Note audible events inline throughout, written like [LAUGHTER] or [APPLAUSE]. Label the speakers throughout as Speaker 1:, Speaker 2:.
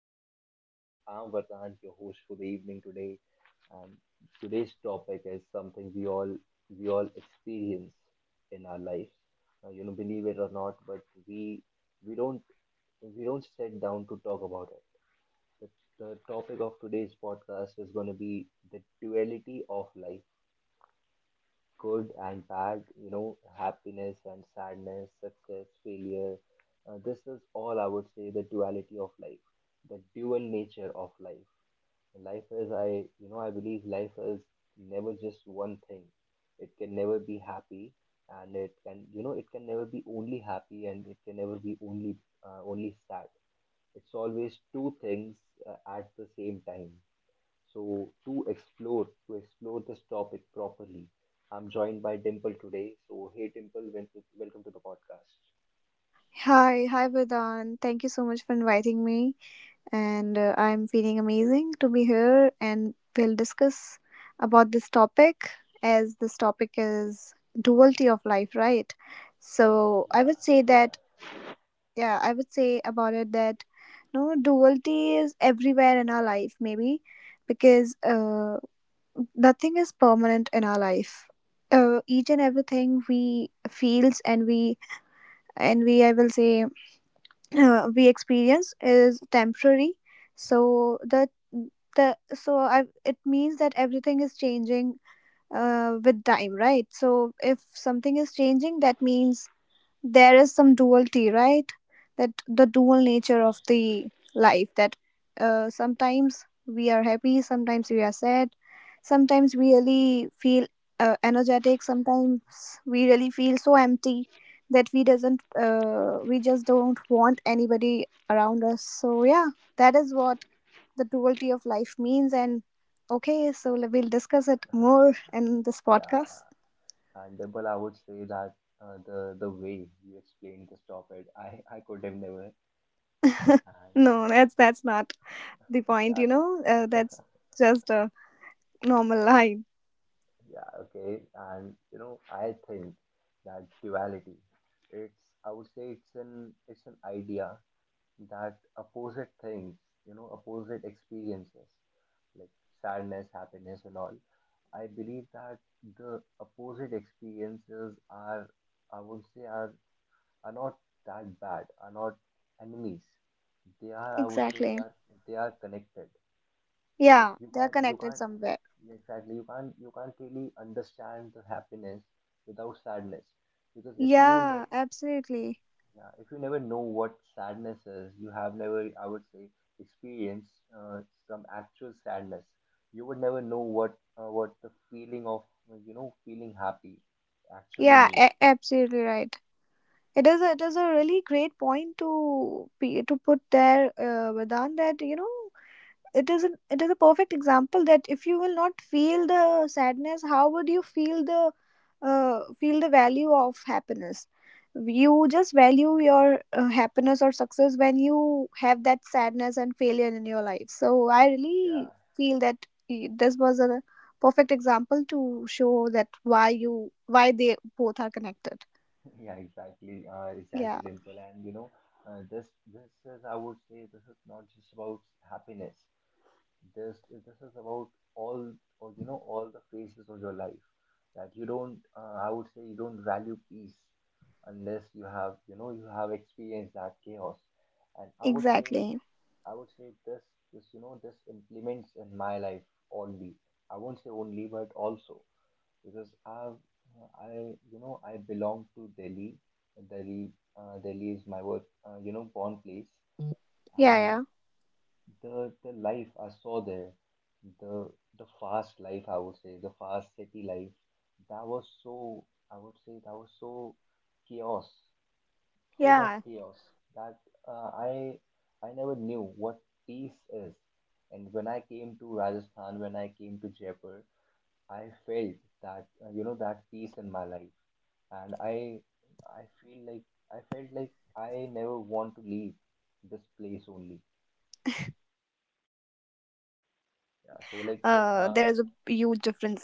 Speaker 1: to the podcast. I'm Vardhan, your host for the evening today, and today's topic is something we all experience in our lives. Now, you know, believe it or not, but we we don't we don't sit down to talk about it. The topic of today's podcast is going to be the duality of life, good and bad, you know, happiness and sadness, success, failure. This is all, I would say, the duality of life, the dual nature of life. Life is, you know, I believe life is never just one thing. It can never be happy, and it can, you know, it can never be only happy, and it can never be only, only sad. It's always two things at the same time. So to explore this topic properly, I'm joined by Dimple today. So hey Dimple, welcome to the podcast.
Speaker 2: Hi, Vedan. Thank you so much for inviting me, and I'm feeling amazing to be here. And we'll discuss about this topic as this topic is duality of life, right? So I
Speaker 1: Yeah,
Speaker 2: would say
Speaker 1: yeah.
Speaker 2: that yeah, I would say about it that no, duality is everywhere in our life, maybe because nothing is permanent in our life. Each and everything we feels, and we I will say we experience is temporary, so the so I it means that everything is changing with time, right? So if something is changing, that means there is some duality, right? That the dual nature
Speaker 1: Yeah,
Speaker 2: of the life, that sometimes we are happy, sometimes we are sad, sometimes we really feel energetic, sometimes we really feel so empty that we doesn't we just don't want anybody around us, so yeah, that is what the duality of life means. And okay, so we'll discuss it more in this
Speaker 1: yeah.
Speaker 2: podcast.
Speaker 1: And Dimple, I would say that the way you explained this topic, I could have never.
Speaker 2: [LAUGHS]
Speaker 1: And
Speaker 2: No, that's not the
Speaker 1: [LAUGHS]
Speaker 2: point, you know?
Speaker 1: that's
Speaker 2: That's just a normal line.
Speaker 1: [LAUGHS] yeah, okay. And you know, I think that duality, it's, I would say, it's an idea that opposite things, you know, opposite experiences, like sadness, happiness, and all. I believe that the opposite experiences are, I would say, are not that bad, are not enemies. They are, I would say, they
Speaker 2: Exactly.
Speaker 1: are they are connected. Like
Speaker 2: Yeah, they are
Speaker 1: you
Speaker 2: connected
Speaker 1: can't
Speaker 2: somewhere.
Speaker 1: exactly you can't really understand the happiness without sadness because if you
Speaker 2: Yeah,
Speaker 1: never,
Speaker 2: absolutely.
Speaker 1: yeah, if you never know what sadness is, you have never, I would say, experienced some actual sadness. You would never know what, what the feeling of, you know, feeling happy actually
Speaker 2: Yeah,
Speaker 1: mean.
Speaker 2: absolutely right. It is a really great point to be, to put there, Vedant, that you know it is it is a perfect example that if you will not feel the sadness, how would you feel the value of happiness? You just value your happiness or success when you have that sadness and failure in your life, so I really
Speaker 1: Yeah,
Speaker 2: feel that this was a perfect example to show that why you, why they both are connected.
Speaker 1: [LAUGHS] yeah, exactly, uh,
Speaker 2: Yeah,
Speaker 1: exactly, Dimple. And you know, this is, I would say, this is not just about happiness. This is about all, or you know, all the phases of your life, that you don't, I would say, you don't value peace unless you have, you know, you have experienced that chaos. And I would say,
Speaker 2: exactly.
Speaker 1: I would say this this you know, this implements in my life only. I won't say only, but also, because I've I you know, I belong to Delhi. Delhi uh, delhi is my work, you know, born place.
Speaker 2: yeah
Speaker 1: And
Speaker 2: yeah
Speaker 1: the life I saw there, the the fast life, I would say, the fast city life, that was so, I would say that was so chaos, full of
Speaker 2: yeah
Speaker 1: chaos, that uh, I I never knew what peace is. And when I came to Rajasthan, when I came to Jaipur, I felt that, you know, that peace in my life, and I feel like, I felt like I never want to leave this place only.
Speaker 2: yeah exactly. There is
Speaker 1: Yeah, so
Speaker 2: a
Speaker 1: like,
Speaker 2: huge difference between them.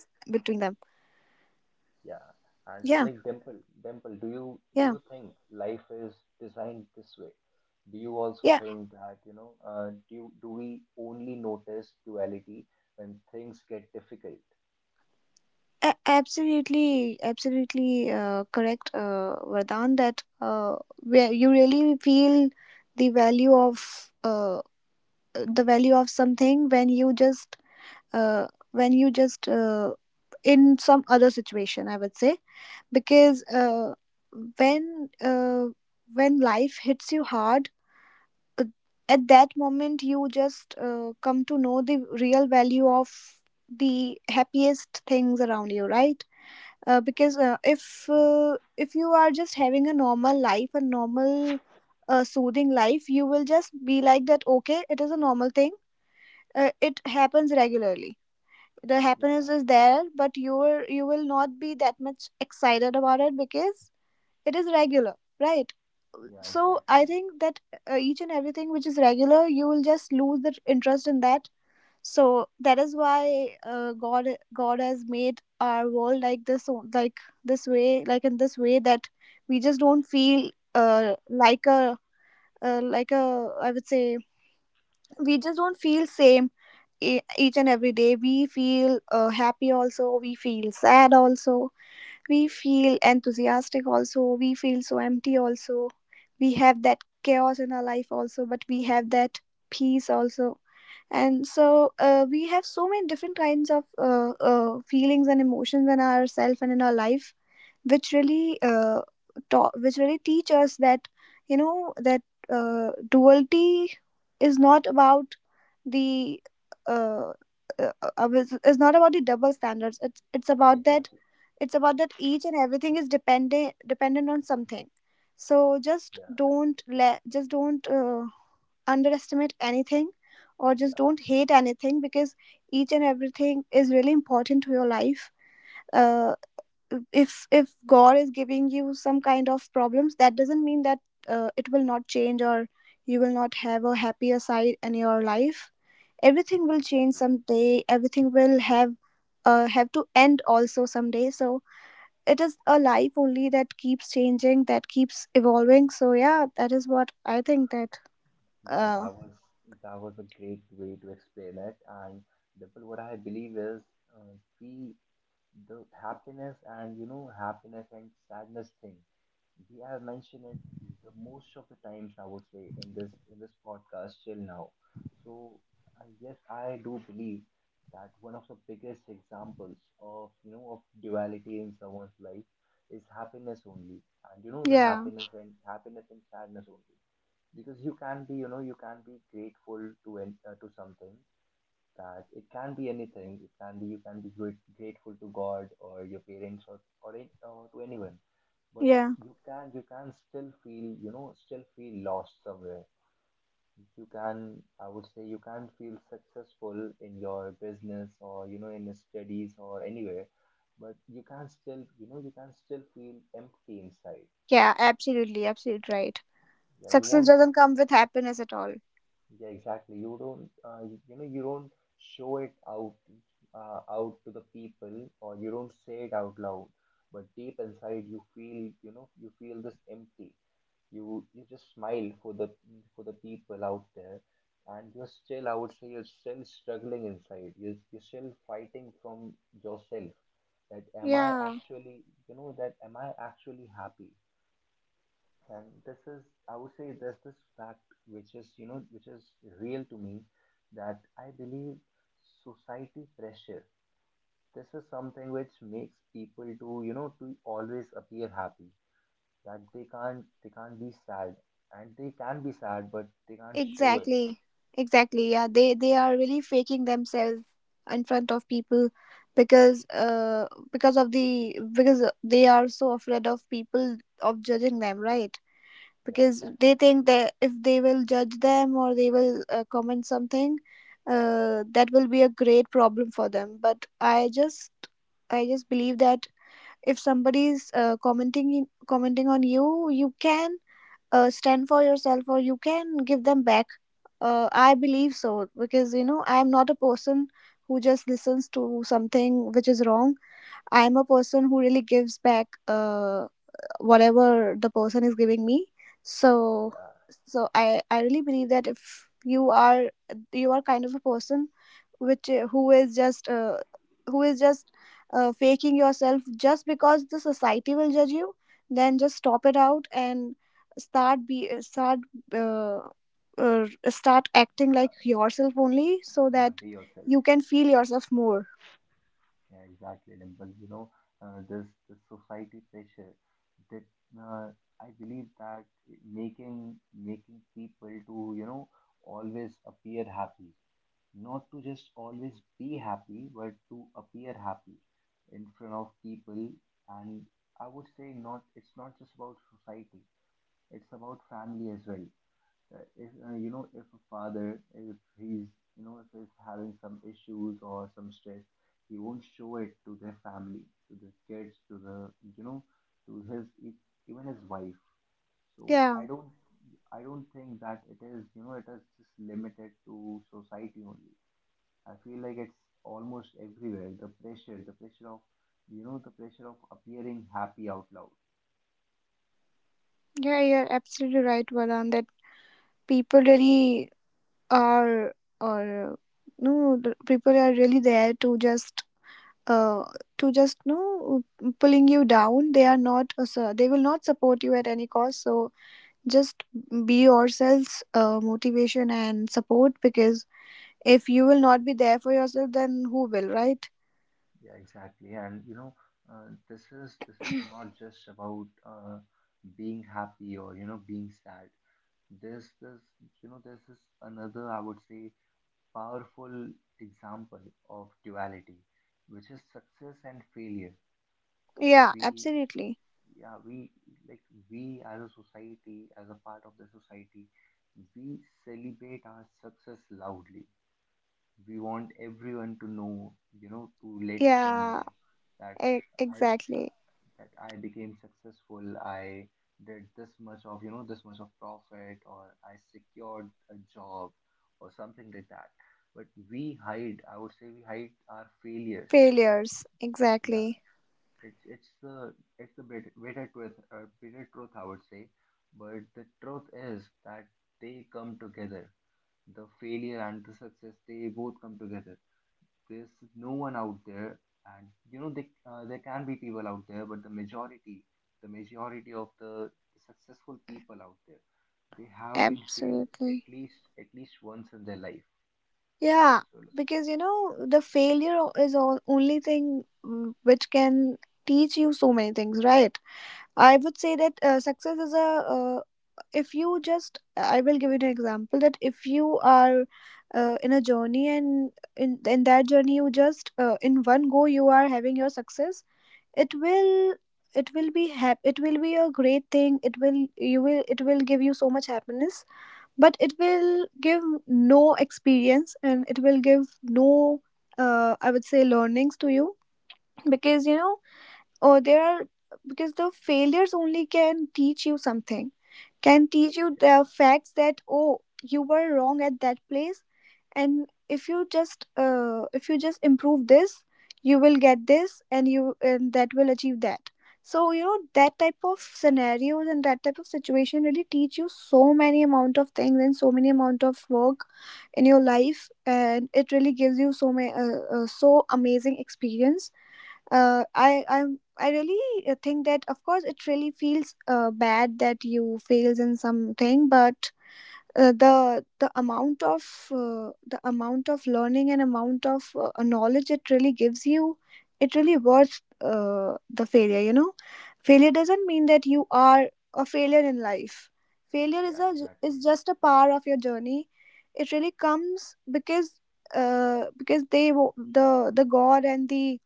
Speaker 1: yeah.
Speaker 2: Yeah.
Speaker 1: And so, like Dimple, do
Speaker 2: Yeah.
Speaker 1: you think life is designed this way? Do you also
Speaker 2: Yeah,
Speaker 1: think that, you know, do we only notice duality when things get difficult?
Speaker 2: absolutely, absolutely correct, Vardhan, that where you really feel the value of uh, the value of something when you just uh, when you just uh, in some other situation, I would say. Because when uh, when life hits you hard, uh, at that moment you just come to know the real value of the happiest things around you, right? Because if
Speaker 1: Yeah,
Speaker 2: If you are just having a normal life, a normal soothing life, you will just be like that, okay, it is a normal thing, it happens regularly. The happiness
Speaker 1: yeah,
Speaker 2: is there, but you will not be that much excited about it, because it is regular, right?
Speaker 1: yeah,
Speaker 2: So
Speaker 1: exactly.
Speaker 2: I think that each and everything which is regular, you will just lose the interest in that. So that is why uh, god god has made our world like this way, like in this way, that we just don't feel uh, like a like a I would say we just don't feel same. Each and every day we feel happy also, we feel sad also, we feel enthusiastic also, we feel so empty also. We have that chaos in our life also, but we have that peace also. And so we have so many different kinds of feelings and emotions in ourselves and in our life, which really which really teach us that, you know, that duality is not about the uh, uh, is not about the double standards. It's about that,
Speaker 1: Exactly.
Speaker 2: it's about that each and everything is dependent on something. So just
Speaker 1: Yeah,
Speaker 2: don't underestimate anything, or just
Speaker 1: yeah,
Speaker 2: don't hate anything, because each and everything is really important to your life. uh, if god is giving you some kind of problems, that doesn't mean that it will not change, or you will not have a happier side in your life. Everything will change
Speaker 1: exactly.
Speaker 2: someday, everything will have to end also someday. So it is a life only that keeps changing, that keeps evolving. So yeah, that is what I think, that
Speaker 1: Yeah,
Speaker 2: uh
Speaker 1: that was, that was a great way to explain it. And Dimple, what I believe is, uh, we the happiness, and you know, happiness and sadness thing, we have mentioned it the most of the times, I would say, in this, in this podcast till now. So yes, I do believe that one of the biggest examples of, you know, of duality in someone's life is happiness only, and you know, the
Speaker 2: yeah.
Speaker 1: happiness, and happiness and sadness only. Because you can be, you know, you can be grateful to an, to something, that it can be anything. It can be, you can be great grateful to God or your parents, or, any, or to anyone, but
Speaker 2: Yeah.
Speaker 1: you can, you can still feel, you know, still feel lost somewhere. You can, I would say you can feel successful in your business, or you know, in your studies or anywhere, but you can still, you know, you can still feel empty inside.
Speaker 2: Yeah, absolutely, absolutely right.
Speaker 1: Yeah, you
Speaker 2: Success
Speaker 1: won't.
Speaker 2: doesn't come with happiness at all.
Speaker 1: Yeah, exactly. You don't, you, you know, you don't show it out, out to the people, or you don't say it out loud. But deep inside, you feel, you know, you feel this empty. You just smile for the, for the people out there, and you're still, I would say, you're still struggling inside. You're still fighting from yourself. That am I
Speaker 2: Yeah,
Speaker 1: actually, you know, that am I actually happy? And this is, I would say, there's this fact which is, you know, which is real to me, that I believe society pressure. This is something which makes people to, you know, to always appear happy. That they can't be sad, and they can be sad, but they can't show it.
Speaker 2: exactly. Exactly, yeah, they are really faking themselves in front of people, because uh because of the because they are so afraid of people of judging them, right?
Speaker 1: Yeah,
Speaker 2: Because they
Speaker 1: exactly.
Speaker 2: think that if they will judge them, or they will comment something, that will be a great problem for them. But I just believe that if somebody's commenting on you, you can stand for yourself, or you can give them back. I believe so, because you know I am not a person who just listens to something which is wrong. I am a person who really gives back uh, whatever the person is giving me. So
Speaker 1: Yeah,
Speaker 2: so I really believe that if you are kind of a person which who is just faking yourself just because the society will judge you, then just stop it out and start uh, start acting
Speaker 1: yeah,
Speaker 2: like yourself only, so
Speaker 1: yeah.
Speaker 2: that
Speaker 1: Be yourself.
Speaker 2: you can feel yourself more.
Speaker 1: Yeah, exactly, Dimple. You know, this this society pressure, that uh, I believe that making people to, you know, always appear happy, not to just always be happy, but to appear happy in front of people. And I would say not. It's not just about society. It's about family as well, that if, you know, if a father, if he's, you know, if he's having some issues or some stress, he won't show it to their family, to the kids, to the, you know, to even his wife. So
Speaker 2: Yeah.
Speaker 1: I don't think that it is, you know, it is just limited to society only. I feel like it's almost everywhere, the pressure, the pressure of, you know, the pressure of appearing happy out loud.
Speaker 2: Yeah, you're absolutely right, Valan, that people really are or no the people are really there to just uh, you know pulling you down. They are not so they will not support you at any cost. So just be yourselves motivation and support, because if you will not be there for yourself, then who will, right?
Speaker 1: Yeah, exactly. And you know, this is, this is not just about, being happy, or you know, being sad. There's this, you know, there's this another, I would say, powerful example of duality, which is success and failure.
Speaker 2: Yeah,
Speaker 1: We,
Speaker 2: absolutely.
Speaker 1: yeah, we, like, we as a society, as a part of the society, we celebrate our success loudly. We want everyone to know, you know, to let them
Speaker 2: Yeah,
Speaker 1: know that I
Speaker 2: exactly.
Speaker 1: that I became successful, I did this much of, you know, this much of profit, or I secured a job, or something like that. But we hide, I would say, we hide our failures.
Speaker 2: Failures,
Speaker 1: Yeah,
Speaker 2: exactly.
Speaker 1: it's it's the bitter, bitter truth, I would say. But the truth is that they come together. The failure and the success, they both come together. There's no one out there, and you know, they, there can be people out there, but the majority of the successful people out there, they have been failed
Speaker 2: Absolutely,
Speaker 1: at least once in their life.
Speaker 2: yeah,
Speaker 1: So
Speaker 2: because you know the is all only thing, which can teach you so many things, right? I would say that success is a if you just I will give you an example, that if you are in a journey, and in that journey you just in one go you are having your success, it will, it will be a great thing, it will give you so much happiness, but it will give no experience, and it will give no I would say learnings to you, because you know, or there are because the failures only can teach you something, can teach you the facts that, oh, you were wrong at that place, and if you just improve this, you will get this, and you and that will achieve that. So you know, that type of scenarios and that type of situation really teach you so many amount of things and so many amount of work in your life, and it really gives you so many so amazing experience. I really think that, of course, it really feels bad that you fails in something, but uh, the the amount of the amount of learning and amount of knowledge it really gives you, it really worth the failure. You know, failure doesn't mean that you are a failure in life. Failure is
Speaker 1: yeah,
Speaker 2: a
Speaker 1: exactly.
Speaker 2: is just a part of your journey. It really comes because the god and the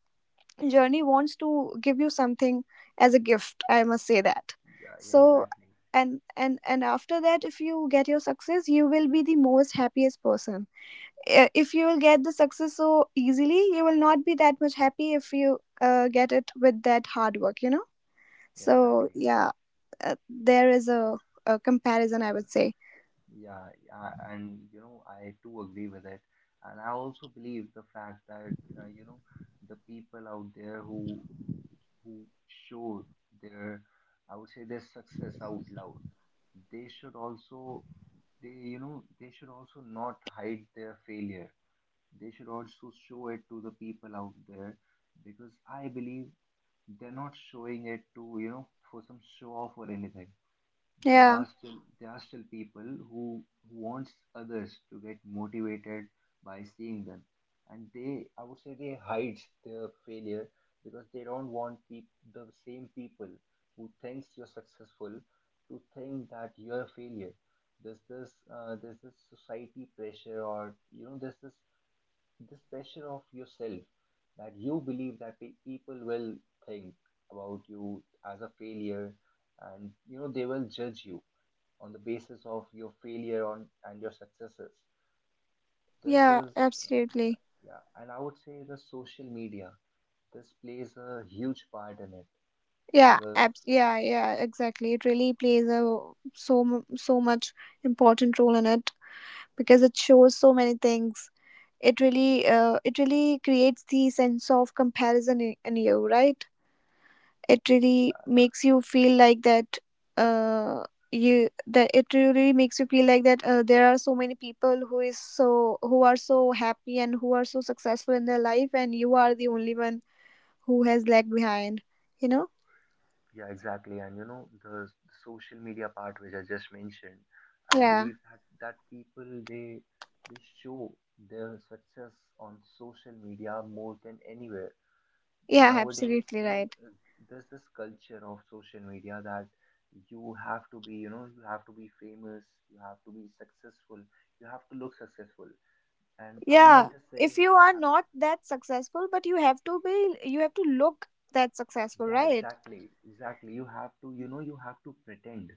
Speaker 2: journey wants to give you something as a gift, I must say that.
Speaker 1: Yeah, yeah,
Speaker 2: So
Speaker 1: exactly.
Speaker 2: and after that, if you get your success, you will be the most happiest person. I- if you will get the success so easily, you will not be that much happy, if you get it with that hard work, you know.
Speaker 1: Yeah,
Speaker 2: So
Speaker 1: exactly.
Speaker 2: yeah, there is a comparison, I would say.
Speaker 1: Yeah, yeah, and you know, I too agree with it. And I also believe the fact that, you know, the people out there who show their, I would say their success out loud, they should also, they, you know, they should also not hide their failure. They should also show it to the people out there because I believe they're not showing it to, you know, for some show off or anything. there
Speaker 2: Yeah.
Speaker 1: are still there are still people who, who wants others to get motivated by seeing them, and they, I would say, they hide their failure because they don't want the same people who thinks you're successful to think that you're a failure. There's this, there's this society pressure, or you know, there's this, this pressure of yourself that you believe that people will think about you as a failure, and you know, they will judge you on the basis of your failure on and your successes. This
Speaker 2: Yeah,
Speaker 1: is, uh, yeah,
Speaker 2: absolutely.
Speaker 1: yeah, and I would say the social media, this plays a huge part in it
Speaker 2: yeah
Speaker 1: because,
Speaker 2: abs- yeah yeah exactly, it really plays a so so much important role in it, because it shows so many things. It really creates the sense of comparison in you, right? It really
Speaker 1: yeah,
Speaker 2: makes you feel like that. Uh, you that it really makes you feel like that there are so many people who are so happy and who are so successful in their life, and you are the only one who has lagged behind you know
Speaker 1: yeah, exactly. And you know, the social media part which I just mentioned, I
Speaker 2: yeah,
Speaker 1: believe that, that people, they show their success on social media more than anywhere
Speaker 2: yeah,
Speaker 1: nowadays,
Speaker 2: absolutely
Speaker 1: you know.
Speaker 2: right.
Speaker 1: There's this culture of social media that you have to be, you know, you have to be famous, you have to be successful, you have to look successful, and I'm
Speaker 2: Yeah,
Speaker 1: not just
Speaker 2: if
Speaker 1: saying,
Speaker 2: you are
Speaker 1: um,
Speaker 2: not that successful, but you have to be, you have to look that successful,
Speaker 1: yeah,
Speaker 2: right?
Speaker 1: exactly, exactly, you have to, you know, you have to pretend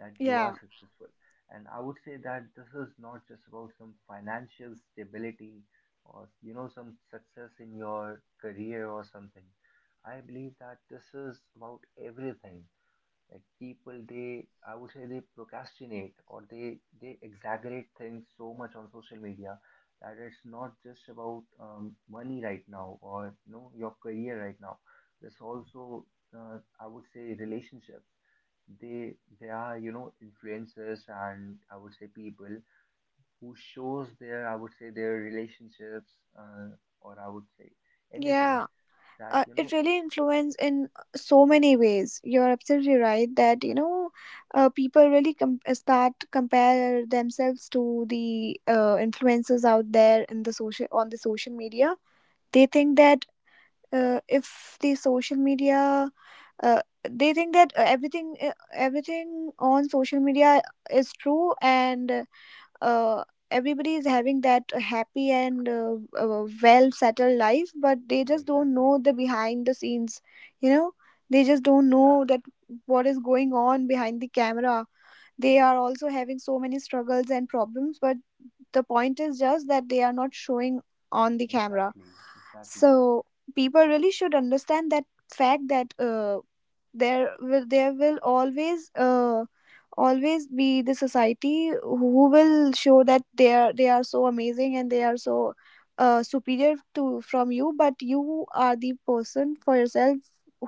Speaker 1: that you are
Speaker 2: Yeah,
Speaker 1: successful. And I would say that this is not just about some financial stability or, you know, some success in your career or something. I believe that this is about everything. Like people, they, I would say, they procrastinate, or they exaggerate things so much on social media, that it's not just about, money right now, or you know, your career right now. There's also, I would say, relationships. They are influencers and I would say people who shows their, I would say, their relationships, or I would say anything
Speaker 2: yeah,
Speaker 1: that you
Speaker 2: it
Speaker 1: know
Speaker 2: really influences in so many ways. You're absolutely right that people really start to compare themselves to the influencers out there in the social media. They think that if the social media uh, they think that everything, on social media, is true, and uh, everybody is having that happy and well settled life, but they
Speaker 1: yeah,
Speaker 2: just don't
Speaker 1: exactly.
Speaker 2: know the behind the scenes you know they just don't
Speaker 1: Yeah,
Speaker 2: know that what is going on behind the camera. They are also having so many struggles and problems, but the point is just that they are not showing on the camera.
Speaker 1: exactly, exactly.
Speaker 2: So people really should understand that fact that there will always be the society who will show that they are so amazing and they are so superior to from you, but you are the person for yourself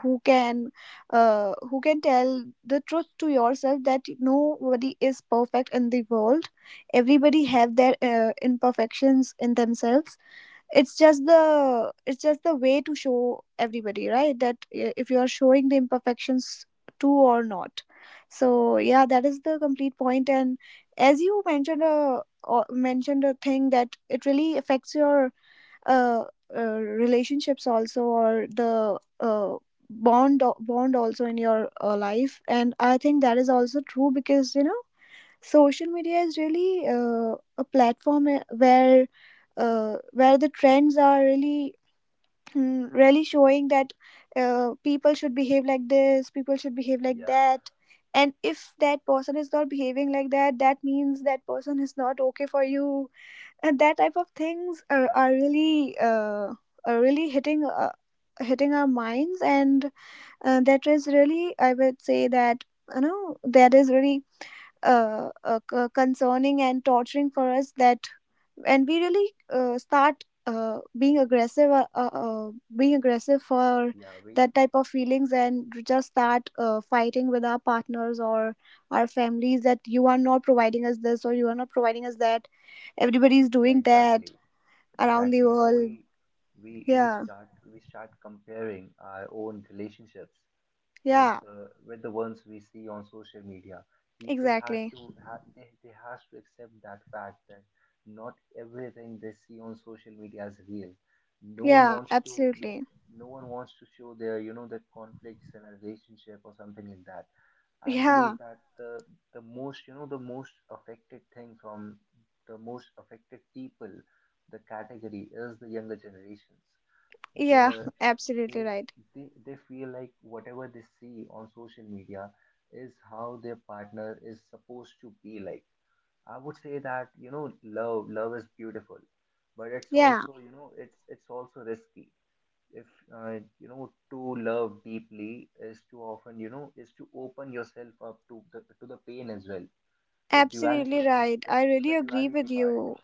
Speaker 2: who can who can tell the truth to yourself that nobody is perfect in the world. Everybody have their imperfections in themselves. It's just the way to show everybody, right, that if you are showing the imperfections too or not. So yeah, that is the complete point. And as you mentioned a mentioned a thing that it really affects your uh, uh, relationships also, or the bond also in your life. And I think that is also true, because you know, social media is really a platform where the trends are really really showing that people should behave like this, people should behave like
Speaker 1: Yeah.
Speaker 2: that. And if that person is not behaving like that, that means that person is not okay for you. And that type of things are,
Speaker 1: Yeah,
Speaker 2: are really are really hitting our minds, and that is really, I would say, that you know, that is really concerning and torturing for us. That and we really start being aggressive for
Speaker 1: yeah, we,
Speaker 2: that type of feelings, and just start fighting with our partners or our families that you are not providing us this, or you are not providing us that. Everybody is
Speaker 1: yeah,
Speaker 2: doing that
Speaker 1: exactly,
Speaker 2: around the
Speaker 1: exactly. You know,
Speaker 2: world.
Speaker 1: we
Speaker 2: Yeah.
Speaker 1: start, we start comparing our own relationships with
Speaker 2: Yeah,
Speaker 1: with the ones we see on social media. People has
Speaker 2: exactly.
Speaker 1: to, they has to accept that fact that not everything they see on social media is real. No one
Speaker 2: Yeah,
Speaker 1: wants to, no,
Speaker 2: absolutely.
Speaker 1: no one wants to show their, the conflicts in a relationship or something like that. I
Speaker 2: Yeah.
Speaker 1: believe that the most affected thing from the most affected people, the category is the younger generations.
Speaker 2: Yeah,
Speaker 1: They're,
Speaker 2: [LAUGHS] absolutely
Speaker 1: they,
Speaker 2: right.
Speaker 1: they feel like whatever they see on social media is how their partner is supposed to be like. I would say that love is beautiful, but it's
Speaker 2: Yeah.
Speaker 1: also, it's also risky if, uh, to love deeply is to often, is to open yourself up to the pain as well. The duality,
Speaker 2: Absolutely right.
Speaker 1: the,
Speaker 2: I really
Speaker 1: the
Speaker 2: agree
Speaker 1: duality
Speaker 2: with
Speaker 1: part.
Speaker 2: you.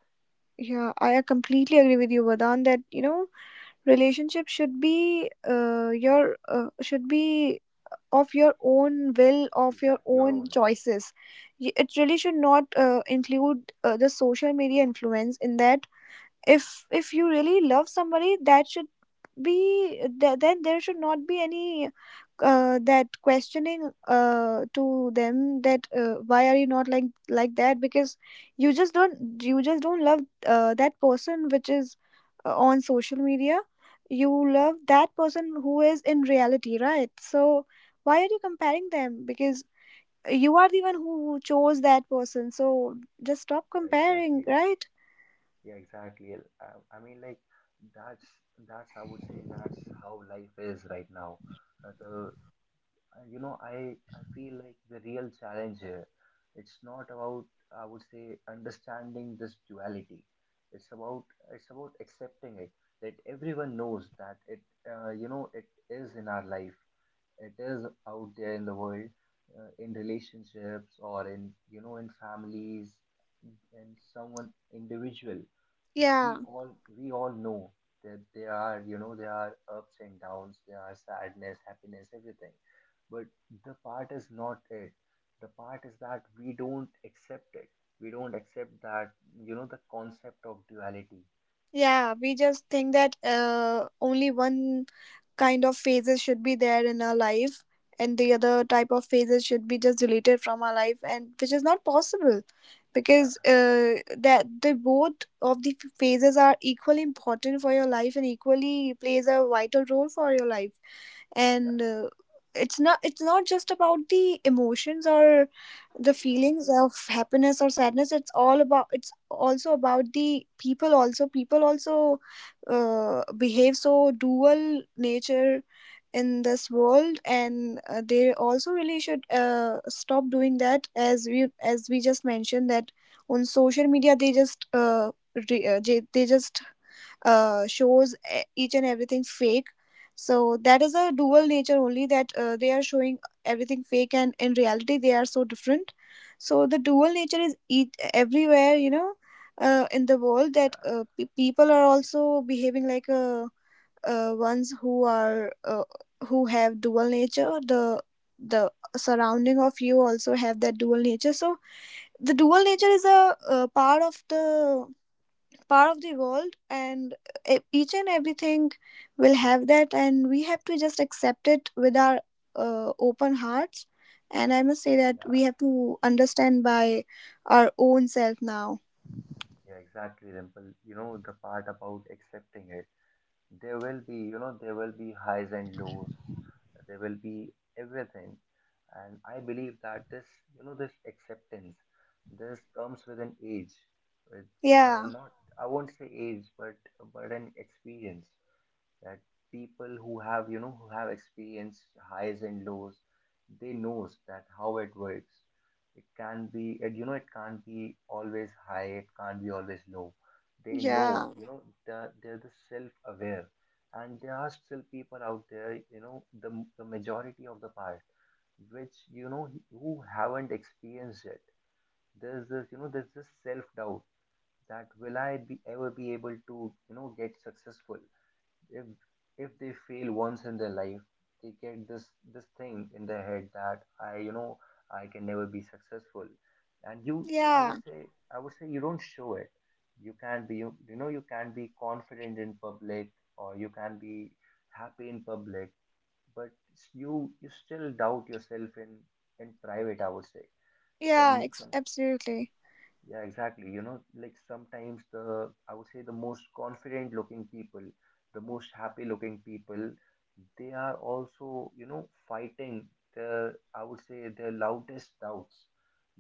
Speaker 2: Yeah, I completely agree with you, Vadan, that you know, relationship should be your should be of your own will, of your
Speaker 1: Exactly, your
Speaker 2: own
Speaker 1: own.
Speaker 2: choices. It really should not include the social media influence in that. If you really love somebody, that should be then there should not be any that questioning to them that why are you not like that, because you just don't love that person which is on social media. You love that person who is in reality, right? So why are you comparing them? Because you are the one who chose that person, so just stop
Speaker 1: Yeah,
Speaker 2: comparing,
Speaker 1: exactly.
Speaker 2: right?
Speaker 1: Yeah, exactly. I mean, like, that's that's, I would say, that's how life is right now. The you know I feel like the real challenge here, it's not about, I would say, understanding this duality. it's about it's about accepting it. That everyone knows that it you know it is in our life, it is out there in the world, in relationships or in in families, in someone individual. we
Speaker 2: Yeah.
Speaker 1: all we all know that there are, there are ups and downs, there are sadness, happiness, everything. But the part is not it, the part is that we don't accept it. We don't accept that, the concept of duality.
Speaker 2: Yeah, we just think that only one kind of phases should be there in our life, and the other type of phases should be just deleted from our life, and which is not possible,
Speaker 1: Yeah
Speaker 2: because that the both of the phases are equally important for your life, and equally plays a vital role for your life.
Speaker 1: yeah.
Speaker 2: And it's not, it's not just about the emotions or the feelings of happiness or sadness. It's all about, it's also about the people also, people also behave so dual nature in this world. And they also really should stop doing that, as we, just mentioned that on social media, they just they just shows each and everything fake. So that is a dual nature only, that they are showing everything fake, and in reality they are so different. So the dual nature is each, everywhere, you know, in the world, that
Speaker 1: Yeah.
Speaker 2: people are also behaving like ones who are who have dual nature. The surrounding of you also have that dual nature. So the dual nature is a, uh, part of the world, and e- each and everything will have that, and we have to just accept it with our open hearts. And I must say that we
Speaker 1: Yeah.
Speaker 2: have to understand by our own self now.
Speaker 1: Yeah exactly, Dimple. You know the part about accepting it, there will be, there will be highs and lows, there will be everything. And I believe that this, this acceptance, this comes with an age, with,
Speaker 2: Yeah.
Speaker 1: not, I won't say age, but an experience. That people who have, who have experienced highs and lows, they knows that how it works. It can be, and it can't be always high, it can't be always low. They know,
Speaker 2: Yeah.
Speaker 1: they're the self-aware. And there are still people out there, the majority of the part which, who haven't experienced it. There's this, there's this self-doubt that, ever be able to, get successful. if if they fail once in their life, they get this thing in their head that I, I can never be successful. And you, I
Speaker 2: Yeah.
Speaker 1: would say, I would say you don't show it. You can not be, you can be confident in public, or you can be happy in public, but you still doubt yourself in private, I would say. Some some.
Speaker 2: Absolutely.
Speaker 1: Yeah, exactly. You know, like sometimes I would say the most confident looking people, the most happy looking people, they are also, you know, fighting their, I would say, their loudest doubts.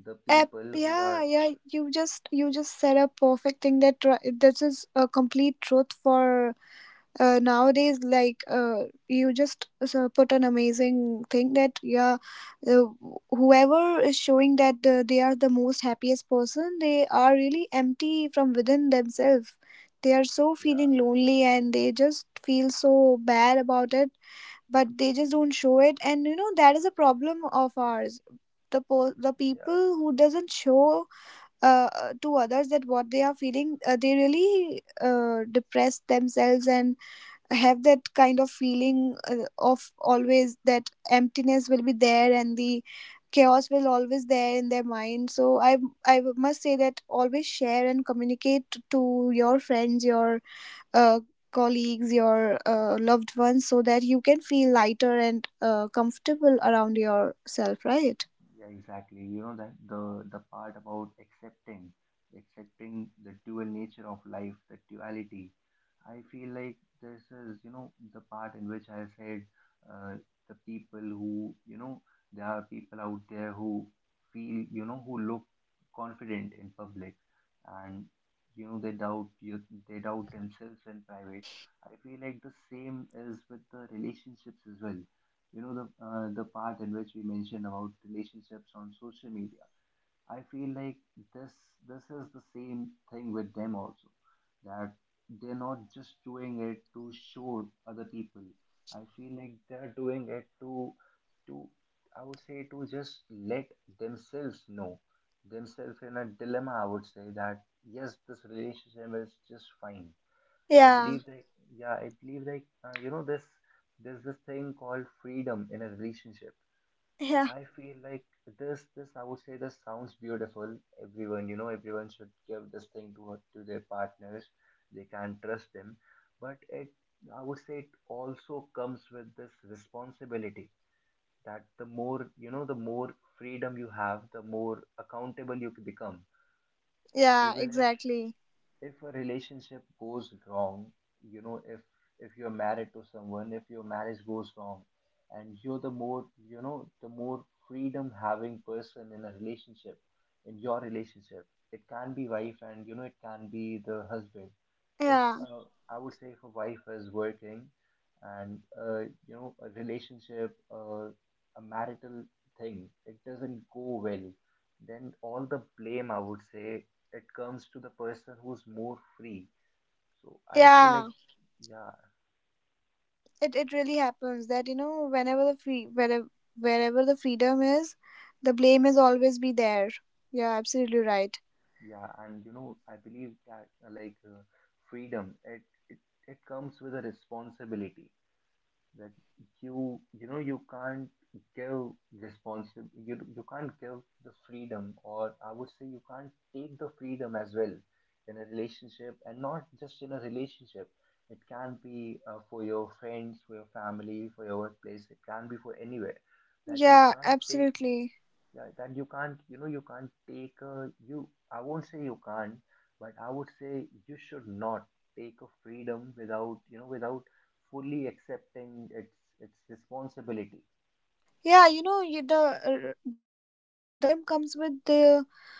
Speaker 1: The people who
Speaker 2: Yeah,
Speaker 1: are,
Speaker 2: yeah, you just said a perfect thing, that this is a complete truth for nowadays. Like you just so put an amazing thing that, yeah, uh, whoever is showing that they are the most happiest person, they are really empty from within themselves. They are so feeling
Speaker 1: yeah,
Speaker 2: lonely, and they just feel so bad about it. But they just don't show it. And you know, that is a problem of ours, the the people
Speaker 1: yeah.
Speaker 2: who doesn't show to others that what they are feeling. They really depress themselves, and have that kind of feeling of always that emptiness will be there, and the chaos will always there in their mind. So I I must say that always share and communicate to your friends, your uh, colleagues, your loved ones, so that you can feel lighter and comfortable around yourself, right?
Speaker 1: Yeah, exactly. You know that the part about accepting, accepting the dual nature of life, the duality. I feel like this is, you know, the part in which I said, uh, the people who, you know, there are people out there who feel, you know, who look confident in public, and you know they doubt you, they doubt themselves in private. I feel like the same is with the relationships as well. You know the, the part in which we mentioned about relationships on social media, I feel like this this is the same thing with them also. That they're not just doing it to show other people. I feel like they're doing it to, I would say to just let themselves know, themselves in a dilemma, I would say that yes, this relationship is just fine. I
Speaker 2: Yeah.
Speaker 1: believe that, yeah, I believe like, you know, this there's this thing called freedom in a relationship.
Speaker 2: Yeah.
Speaker 1: I feel like this, I would say, this sounds beautiful. Everyone, you know, everyone should give this thing to to their partners. They can trust them, but it, I would say it also comes with this responsibility that the more, you know, the more freedom you have, the more accountable you become.
Speaker 2: Yeah,
Speaker 1: Even if
Speaker 2: exactly.
Speaker 1: if a relationship goes wrong, you know, if you're married to someone, if your marriage goes wrong, and you're the more, you know, the more freedom having person in a relationship, in your relationship, it can be wife and you know it can be the husband. If,
Speaker 2: Yeah.
Speaker 1: I would say if a wife is working, and, you know, a relationship, a marital thing, it doesn't go well, then all the blame, I would say, it comes to the person who's more free. So I feel
Speaker 2: Yeah,
Speaker 1: like, yeah.
Speaker 2: it really happens that you know, whenever the free, wherever the freedom is, the blame is always be there. Yeah, absolutely right.
Speaker 1: Yeah, and you know I believe that, freedom it, it comes with a responsibility. That you know you can't give you can't give the freedom, or I would say you can't take the freedom as well in a relationship. And not just in a relationship, it can be, for your friends, for your family, for your workplace, it can be for anywhere. That you
Speaker 2: Yeah,
Speaker 1: can't take,
Speaker 2: absolutely.
Speaker 1: yeah, that you can't, you know, you can't take you, I won't say you can't, but I would say you should not take a freedom without, without fully accepting its responsibility.
Speaker 2: Yeah, you know, the freedom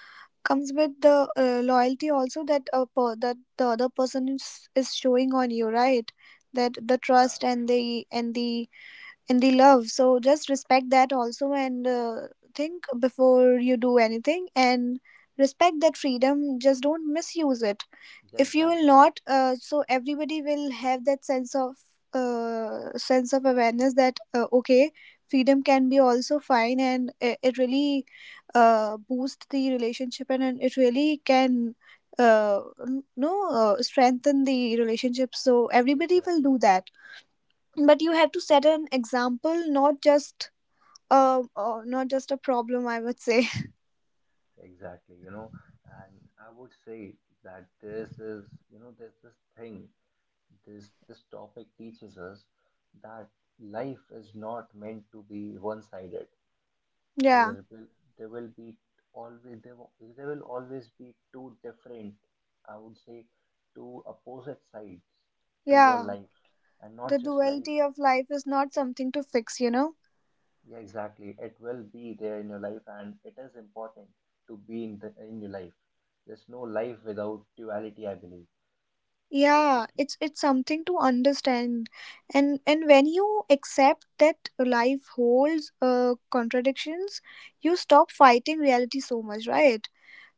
Speaker 2: comes with the loyalty also, that that the other person is showing on you, right? That the
Speaker 1: Yeah.
Speaker 2: trust and the in the love. So just respect that also, and think before you do anything, and respect that freedom, just don't misuse it.
Speaker 1: Yeah,
Speaker 2: If you will
Speaker 1: exactly.
Speaker 2: not so everybody will have that sense of awareness that okay, freedom can be also fine, and it really boosts the relationship, and it really can uh, n- no strengthen the relationship, so
Speaker 1: Yeah,
Speaker 2: everybody will
Speaker 1: exactly,
Speaker 2: do that. But you have to set an example, not just not just a problem, I would say.
Speaker 1: exactly. You know, and I would say that this is, you know, there's this thing this this topic teaches us that life is not meant to be one-sided.
Speaker 2: [LAUGHS] Yeah.
Speaker 1: There will, there will be always, there will always be two different, I would say two opposite sides to your
Speaker 2: Yeah,
Speaker 1: life, and
Speaker 2: the
Speaker 1: not just life.
Speaker 2: duality of life is not something to fix, you know.
Speaker 1: Yeah, exactly. It will be there in your life, and it is important to be in the in your life. There's no life without duality, I believe. That if,
Speaker 2: Yeah, it's something to understand. And when you accept that life holds contradictions, you stop fighting reality so much, right?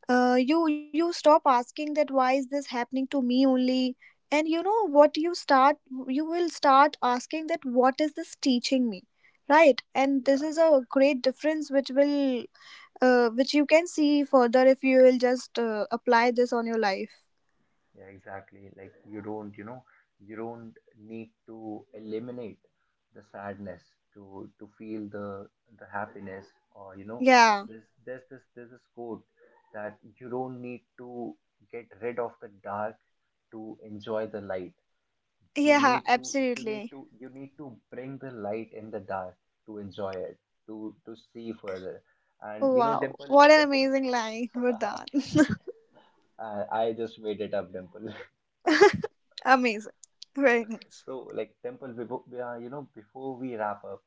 Speaker 2: You stop asking that why is this happening to me only. And you know what, you start, you will start asking that what is this teaching me, right? And this
Speaker 1: yeah.
Speaker 2: is a great difference which will which you can see further if you will just apply this on your life.
Speaker 1: Yeah, exactly. Like you don't, you know, you don't need to eliminate the sadness to feel the happiness. Or you know,
Speaker 2: Yeah.
Speaker 1: there's this quote that you don't need to get rid of the dark to enjoy the light. You
Speaker 2: Yeah,
Speaker 1: need to,
Speaker 2: absolutely.
Speaker 1: you need to bring the light in the dark to enjoy it, to see further. And you know,
Speaker 2: Wow,
Speaker 1: Dimple,
Speaker 2: what an
Speaker 1: Dimple,
Speaker 2: amazing line, Vardhan.
Speaker 1: [LAUGHS] I just made it up, Dimple.
Speaker 2: [LAUGHS] Amazing. Very nice.
Speaker 1: So, like, Temple, before, you know, before we wrap up,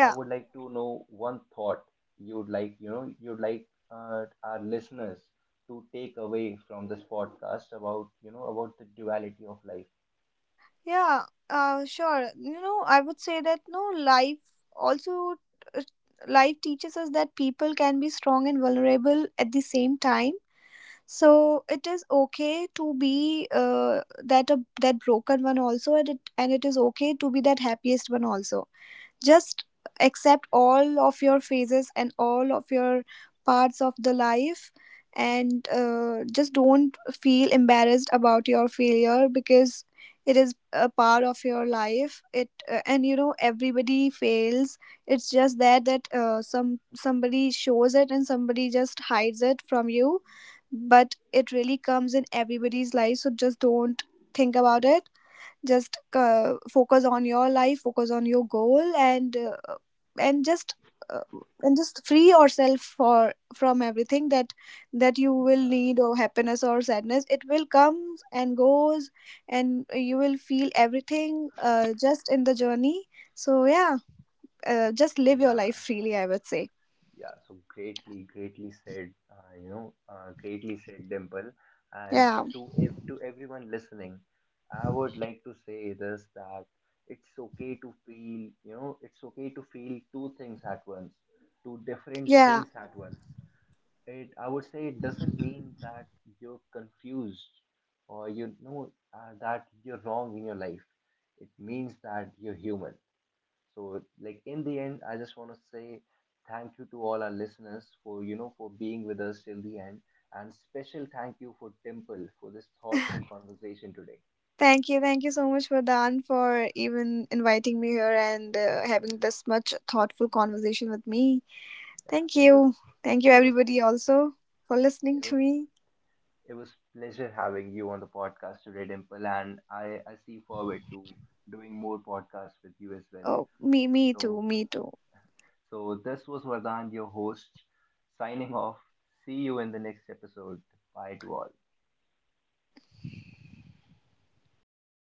Speaker 1: I would like to know one thought you'd like, you know, you'd like, our listeners to take away from this podcast about, you know, about the duality of life.
Speaker 2: Yeah, sure. You know, I would say that no life also uh, life teaches us that people can be strong and vulnerable at the same time. So it is okay to be that broken one also, and it is okay to be that happiest one also. Just accept all of your phases and all of your parts of the life. And just don't feel embarrassed about your failure, because it is a part of your life. It And you know, everybody fails. It's just that some, somebody shows it, and somebody just hides it from you. But it really comes in everybody's life, so just don't think about it. Just focus on your life, focus on your goal, and and just uh, and just free yourself for from everything, that that you will
Speaker 1: Yeah,
Speaker 2: need, or happiness or sadness, it will come and goes, and you will feel everything just in the journey. So yeah, just live your life
Speaker 1: yeah.
Speaker 2: freely, I would say.
Speaker 1: Yeah, so greatly, greatly said, you know, greatly said, Dimple. And
Speaker 2: Yeah.
Speaker 1: to ev to everyone listening, I would like to say this, that it's okay to feel, you know, it's okay to feel two things at once, two different
Speaker 2: Yeah.
Speaker 1: things at once. It, I would say, it doesn't mean that you're confused, or you know, that you're wrong in your life. It means that you're human. So, like, in the end, I just want to say thank you to all our listeners for, you know, for being with us till the end, and special thank you for Temple for this thoughtful
Speaker 2: [LAUGHS]
Speaker 1: conversation today.
Speaker 2: Thank you so much, Vardhan, for even inviting me here and having this much thoughtful conversation with me.
Speaker 1: Yeah,
Speaker 2: Thank you. Thank you
Speaker 1: it was,
Speaker 2: everybody also for listening
Speaker 1: it
Speaker 2: to
Speaker 1: was.
Speaker 2: me.
Speaker 1: It was pleasure having you on the podcast today, Dimple, and I see forward to doing more podcasts with you as well.
Speaker 2: Oh, me too,
Speaker 1: So,
Speaker 2: me too.
Speaker 1: so this was Vardhan, your host, signing off. See you in the next episode. Bye to all.